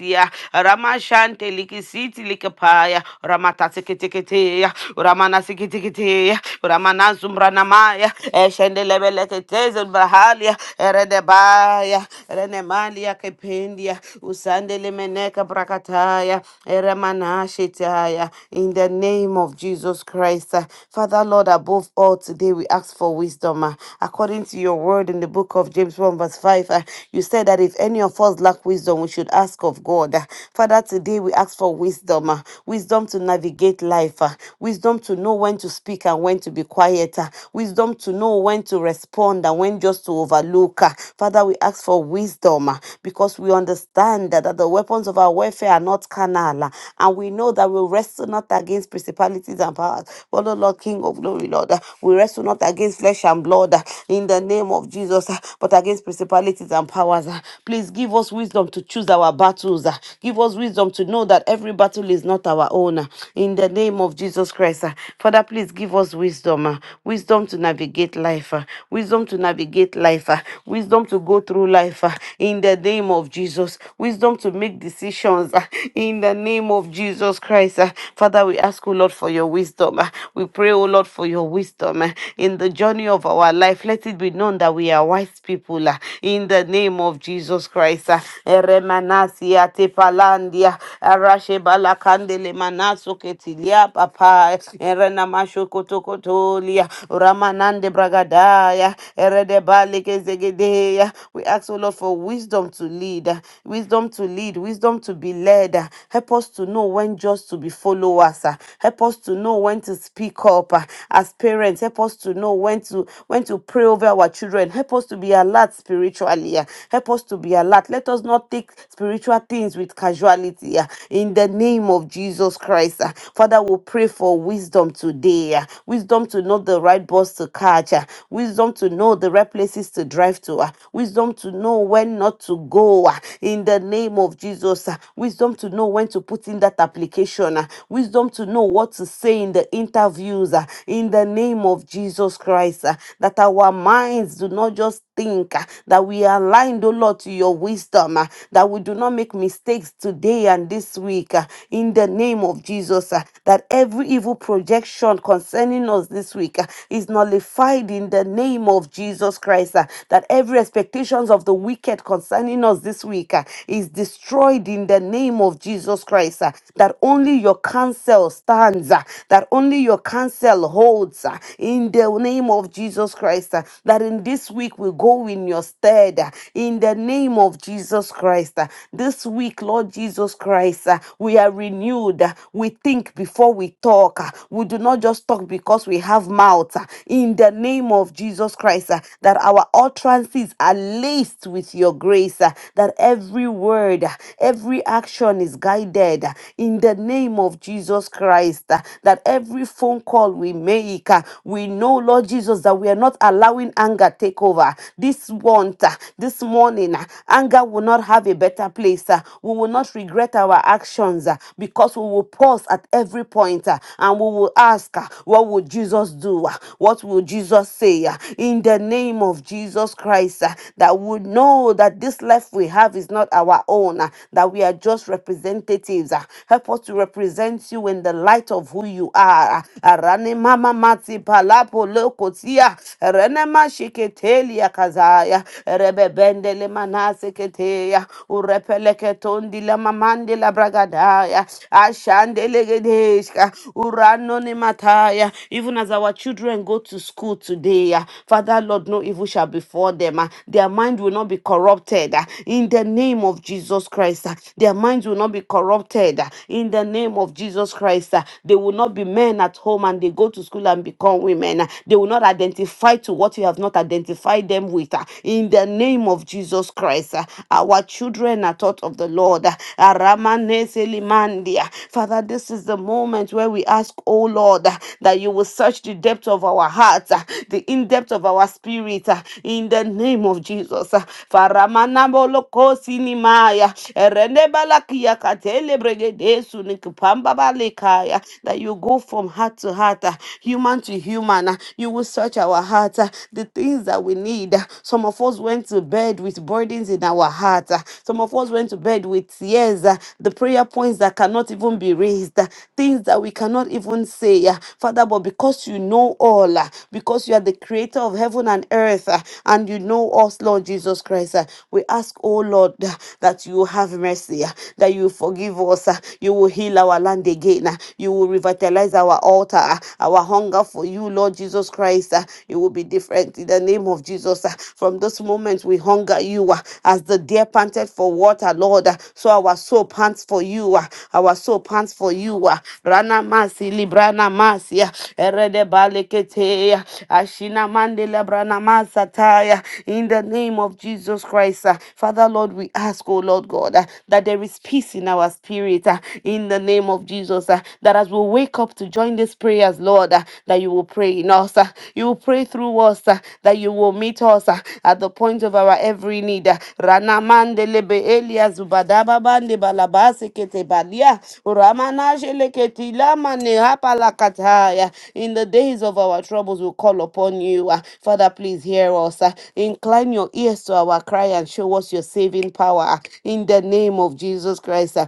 S2: ya ramashante likisiti likapaya ramata sekete kete ya ramana sekete kete ya ramana sikitiketeya uramana sikitikiteya uramana zumbranamaya eshendele beleketeze bahalia eredebaya renemalia kependia usandele meneka brakataya eremanashitaya in the name of Jesus Christ uh, Father, Lord, above all, today we ask for wisdom. uh, according to your word in the book of James 1, verse 5, uh, you said that if any of us lack wisdom, we should ask of God. uh. Father, today we ask for wisdom, uh, wisdom to navigate life, uh, wisdom to know when to speak and when to be quiet, uh, wisdom to know when to respond and when just to overlook. uh. Father, we ask for wisdom uh, because we understand that, that the weapons of our warfare are not carnal, uh, and we know that we wrestle not against principalities and powers, but oh Lord, King of glory, Lord, uh, we wrestle not against flesh and blood uh, in the name of Jesus, uh, but against principalities and powers. uh. Please give us wisdom to choose our battles. uh. Give us wisdom to know that every battle is not our own. uh, In the name of Jesus Christ. uh. Father, please give us wisdom. uh, Wisdom to navigate life. uh, Wisdom to navigate life. uh, Wisdom to go through life. uh, In the name of Jesus. Wisdom to make decisions. uh, In the name of Jesus Christ. uh. Father, we ask, you, Lord, for your wisdom wisdom. We pray, oh Lord, for your wisdom in the journey of our life. Let it be known that we are wise people uh, in the name of Jesus Christ. uh. Eremanasia tepalandia, arashebalakandele manaso ketilia papa, erenamasho kotokotolia, ramanande bragadaya, eredebalikezegedeya. We ask, O Lord, for wisdom to lead, uh, wisdom to lead, wisdom to be led. uh. Help us to know when just to be followers. uh. Help us to to know when to speak up uh, as parents. Help us to know when to when to pray over our children. Help us to be alert spiritually. uh, Help us to be alert. Let us not take spiritual things with casualty. uh, In the name of Jesus Christ, uh. Father, we pray for wisdom today. uh, Wisdom to know the right bus to catch. uh, Wisdom to know the right places to drive to. uh, Wisdom to know when not to go. uh, In the name of Jesus, uh. wisdom to know when to put in that application. uh, Wisdom to know what what to say in the interviews uh, in the name of Jesus Christ. uh, that our minds do not just think, uh, that we are aligned, O Lord, to your wisdom, uh, that we do not make mistakes today and this week uh, in the name of Jesus. uh, that every evil projection concerning us this week uh, is nullified in the name of Jesus Christ. uh, that every expectations of the wicked concerning us this week uh, is destroyed in the name of Jesus Christ. uh, that only your counsels counsel stands, uh, that only your counsel holds uh, in the name of Jesus Christ. uh, That in this week we go in your stead uh, in the name of Jesus Christ. uh, This week, Lord Jesus Christ, uh, we are renewed. uh, We think before we talk. uh, We do not just talk because we have mouth uh, in the name of Jesus Christ. uh, That our utterances are laced with your grace. uh, That every word, uh, every action is guided uh, in the name of Jesus. Jesus Christ, uh, that every phone call we make, uh, we know, Lord Jesus, that we are not allowing anger take over. This one, uh, this morning, uh, anger will not have a better place. uh, We will not regret our actions uh, because we will pause at every point uh, and we will ask, uh, What would Jesus do? Uh, What will Jesus say? Uh, In the name of Jesus Christ, uh, that we know that this life we have is not our own, uh, that we are just representatives. uh, Help us to represent represents you in the light of who you are. Arane mama mati palapo lokotia. Rene mashiketelia kazaya. Rebebende le manaseketea. Urepeleketon la mamande la bragadaya. Ashande legedeshka. Urano ne mataya. Even as our children go to school today, ah, Father Lord, no evil shall befall them. ah. Their mind will not be corrupted. ah, In the name of Jesus Christ, ah. their minds will not be corrupted. ah, In the name name of Jesus Christ. uh, They will not be men at home and they go to school and become women. uh, They will not identify to what you have not identified them with. uh, In the name of Jesus Christ, uh, our children are taught of the Lord. uh, Aramane Selimandia. Father, this is the moment where we ask, oh Lord, uh, that you will search the depth of our hearts, uh, the in depth of our spirit, uh, in the name of Jesus. uh, Faramana Moloko Sinimaya, Erene Balakia Katele bregede sunika that you go from heart to heart, uh, human to human. uh, You will search our hearts, uh, the things that we need. uh, Some of us went to bed with burdens in our heart. uh, Some of us went to bed with tears, uh, the prayer points that cannot even be raised, uh, things that we cannot even say. uh, Father, but because you know all, uh, because you are the creator of heaven and earth, uh, and you know us, Lord Jesus Christ, uh, we ask, oh Lord, uh, that you have mercy, uh, that you forgive us, uh, you will heal our land again. You will revitalize our altar, our hunger for you, Lord Jesus Christ. It will be different in the name of Jesus. From this moment, we hunger you uh, as the deer panted for water, Lord. So our soul pants for you. uh, Our soul pants for you. uh, Rana masi librana masi uh, erede balekete uh, ashina mandela brana masataya. In the name of Jesus Christ, uh, Father Lord, we ask, oh Lord God, uh, that there is peace in our spirit Spirit uh, in the name of Jesus. uh, That as we wake up to join these prayers, Lord, uh, that you will pray in us, uh, you will pray through us, uh, that you will meet us uh, at the point of our every need. uh, Rana mandele be elia zubadaba bande balabase kete balia uramana jeleketi lama ne hapala kataya. In the days of our troubles, we call upon you, uh, Father. Please hear us. uh, Incline your ears to our cry and show us your saving power. uh, In the name of Jesus Christ. uh,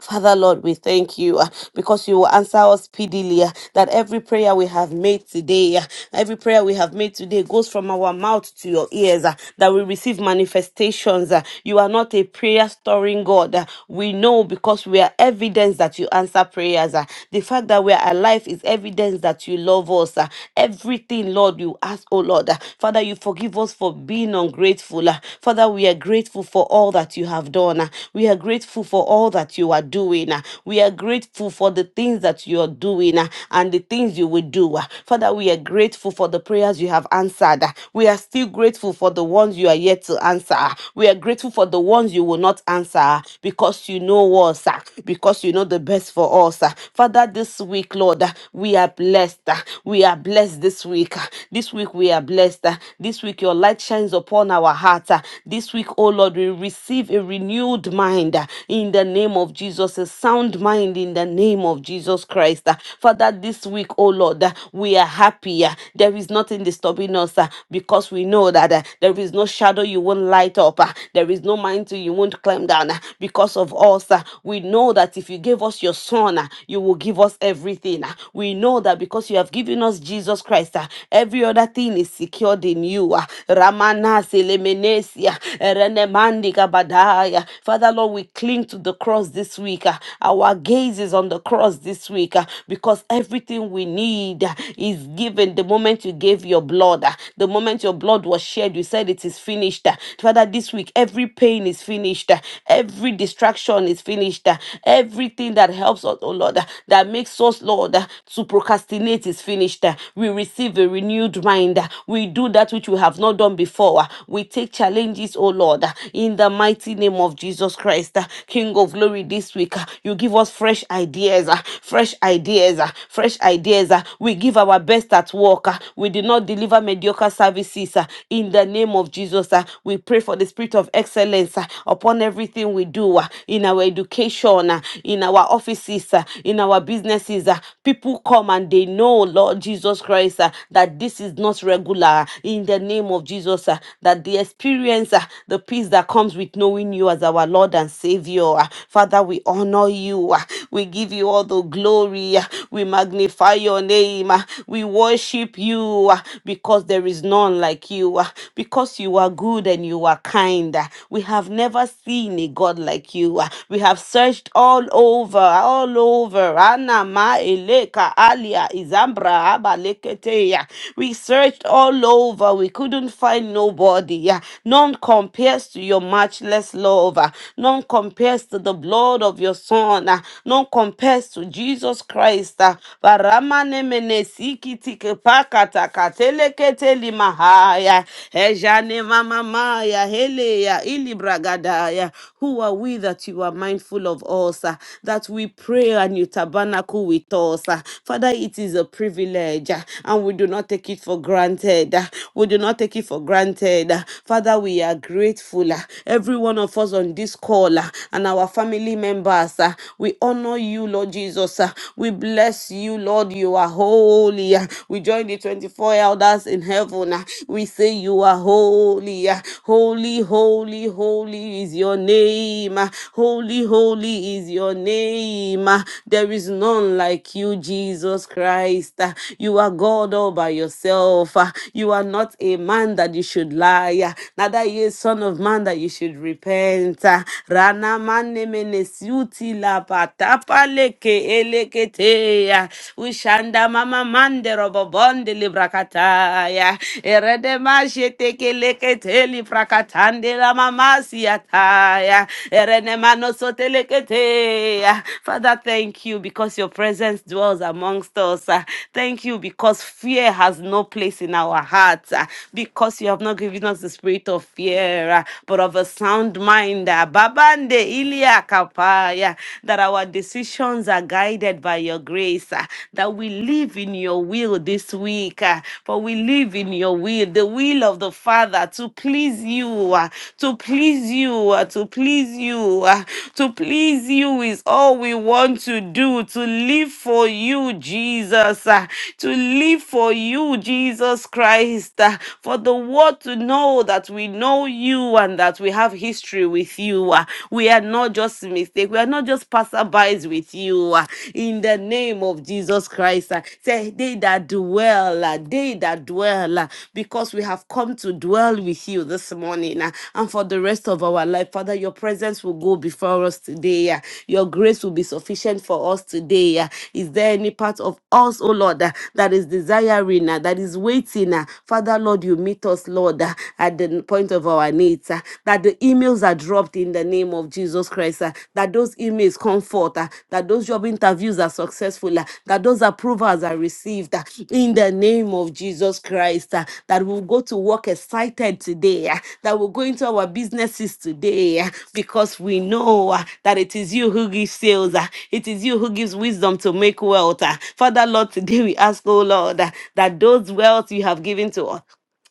S2: Father Lord, we thank you uh, because you will answer us speedily. uh, That every prayer we have made today, uh, every prayer we have made today goes from our mouth to your ears, uh, that we receive manifestations. uh, You are not a prayer storing God. uh, We know because we are evidence that you answer prayers. uh, The fact that we are alive is evidence that you love us. uh, Everything, Lord, you ask, oh Lord. uh, Father, you forgive us for being ungrateful. uh, Father, we are grateful for all that you have done. uh, We are grateful for all that all that you are doing. ah. We are grateful for the things that you are doing ah, and the things you will do. ah. Father, we are grateful for the prayers you have answered. ah. We are still grateful for the ones you are yet to answer. ah. We are grateful for the ones you will not answer ah, because you know us, ah, because you know the best for us. ah. Father, this week, Lord, ah, we are blessed. ah. We are blessed this week. ah. This week, we are blessed. ah. This week, your light shines upon our hearts. ah. This week, oh Lord, we receive a renewed mind. uh in the name of Jesus, a sound mind in the name of Jesus Christ. Uh, Father, this week, oh Lord, uh, we are happy. uh, There is nothing disturbing us uh, because we know that uh, there is no shadow you won't light up, uh, there is no mountain you won't climb down uh, because of us. uh, We know that if you gave us your son, uh, you will give us everything. uh, We know that because you have given us Jesus Christ, uh, every other thing is secured in you. uh, Ramana Selemenesia, Renemandi Kabadaya. Father, Lord, we cling to the cross this week. ah. Our gaze is on the cross this week ah, because everything we need ah, is given the moment you gave your blood. ah, The moment your blood was shed, you said it is finished. ah. Father, this week, every pain is finished. ah, Every distraction is finished. ah, Everything that helps us, oh Lord, ah, that makes us, Lord, ah, to procrastinate is finished. ah. We receive a renewed mind. ah. We do that which we have not done before. ah. We take challenges, oh Lord, ah, in the mighty name of of Jesus Christ, uh, King of glory this week. uh, You give us fresh ideas, uh, fresh ideas, uh, fresh ideas. uh, We give our best at work. uh, We did not deliver mediocre services. uh, In the name of Jesus, uh, we pray for the spirit of excellence uh, upon everything we do uh, in our education, uh, in our offices, uh, in our businesses. uh, People come and they know, Lord Jesus Christ, uh, that this is not regular. In the name of Jesus, uh, that the experience, uh, the peace that comes with no knowing you as our Lord and Savior. Ah, Father, we honor you. Ah, We give you all the glory. Ah, We magnify your name. Ah, We worship you Ah, because there is none like you. Ah, Because you are good and you are kind. Ah, We have never seen a God like you. Ah, We have searched all over, all over. Anama eleka alia izambra abaleketeya. We searched all over. We couldn't find nobody. Yeah. None compares to your your matchless love. ah. None compares to the blood of your Son. ah. None compares to Jesus Christ. ah. Baramane mene sikiti kepakata katelekete limahaya. Ejane mamamaya heleya ilibragadaya. Who are we that you are mindful of us, ah? that we pray and you tabernacle with us? ah? Father, it is a privilege ah, and we do not take it for granted. ah. We do not take it for granted. ah. Father, we are grateful grateful. ah. Every one of us on this call ah, and our family members, ah, we honor you, Lord Jesus. ah. We bless you, Lord. You are holy. ah. We join the 24 elders in heaven. ah. We say, You are holy. ah. Holy, holy, holy is your name. ah. Holy, holy is your name. ah. There is none like you, Jesus Christ. ah. You are God all by yourself. ah. You are not a man that you should lie. ah. Neither Father, ye son of man, that you should repent. Ah, Rana mane mene siuti la patapa leke elekete. ya. Ushanda mama mande robobonde librakata. Ah, Erede mashe teke lekete librakatande la mama siata. ya. Erene mano sote lekete. Ah, Father, thank you because your presence dwells amongst us. Ah, Thank you because fear has no place in our hearts. Ah, Because you have not given us the the spirit of fear, uh, but of a sound mind. uh, Babande ilia kapaya, that our decisions are guided by your grace, uh, that we live in your will this week, uh, for we live in your will, the will of the Father to please you, uh, to please you, uh, to please you, uh, to please you is all we want to do, to live for you, Jesus, uh, to live for you, Jesus Christ, uh, for the word people to know that we know you and that we have history with you. ah. We are not just a mistake. We are not just passerbys with you. ah. In the name of Jesus Christ, ah. say they that dwell, ah, they that dwell, ah, because we have come to dwell with you this morning ah, and for the rest of our life. Father, your presence will go before us today. ah. Your grace will be sufficient for us today. ah. Is there any part of us, oh Lord, ah, that is desiring, ah, that is waiting? ah? Father, Lord, you meet meet us, Lord, uh, at the point of our needs, uh, that the emails are dropped in the name of Jesus Christ, uh, that those emails come forth, uh, that those job interviews are successful, uh, that those approvals are received uh, in the name of Jesus Christ, uh, that we'll go to work excited today, uh, that we'll go into our businesses today, uh, because we know uh, that it is you who gives sales, uh, it is you who gives wisdom to make wealth. uh. Father, Lord, today we ask, oh Lord, uh, that those wealth you have given to us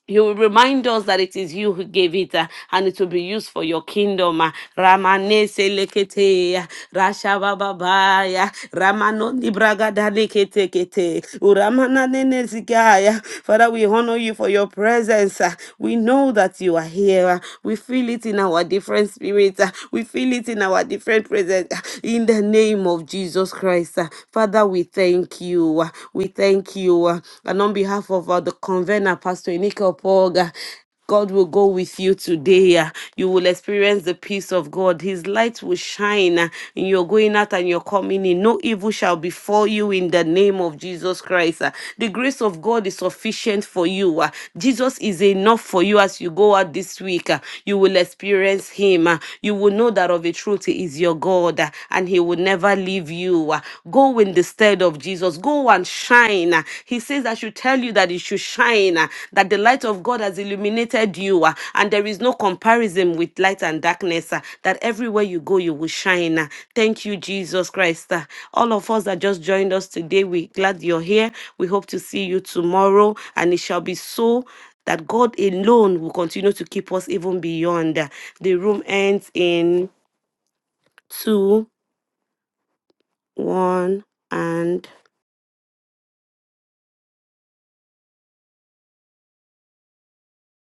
S2: you will remind us that it is you who gave it uh, and it will be used for your kingdom. uh. Ramane selekete, uh, Rasha bababaya, Ramano libragada lekete kete, Uramana nene zigaya. Father, we honor you for your presence. uh. We know that you are here. uh. We feel it in our different spirits. uh. We feel it in our different presence. uh. In the name of Jesus Christ. uh. Father, we thank you. uh. We thank thank you. uh, And on behalf of uh, the convener, Pastor Enika Opoga, God will go with you today. uh, You will experience the peace of God. His light will shine uh, in your going out and your coming in. No evil shall befall you in the name of Jesus Christ. uh. The grace of God is sufficient for you. uh. Jesus is enough for you as you go out this week. uh. You will experience Him. uh. You will know that of a truth He is your God uh, and He will never leave you you uh, go in the stead of Jesus, go and shine. Uh, He says, I should tell you that you should shine, uh, that the light of God has illuminated you, uh, and there is no comparison with light and darkness, uh, that everywhere you go, you will shine. Uh, Thank you, Jesus Christ. Uh, All of us that just joined us today, we're glad you're here. We hope to see you tomorrow, and it shall be so that God alone will continue to keep us even beyond. The room ends in two, one, and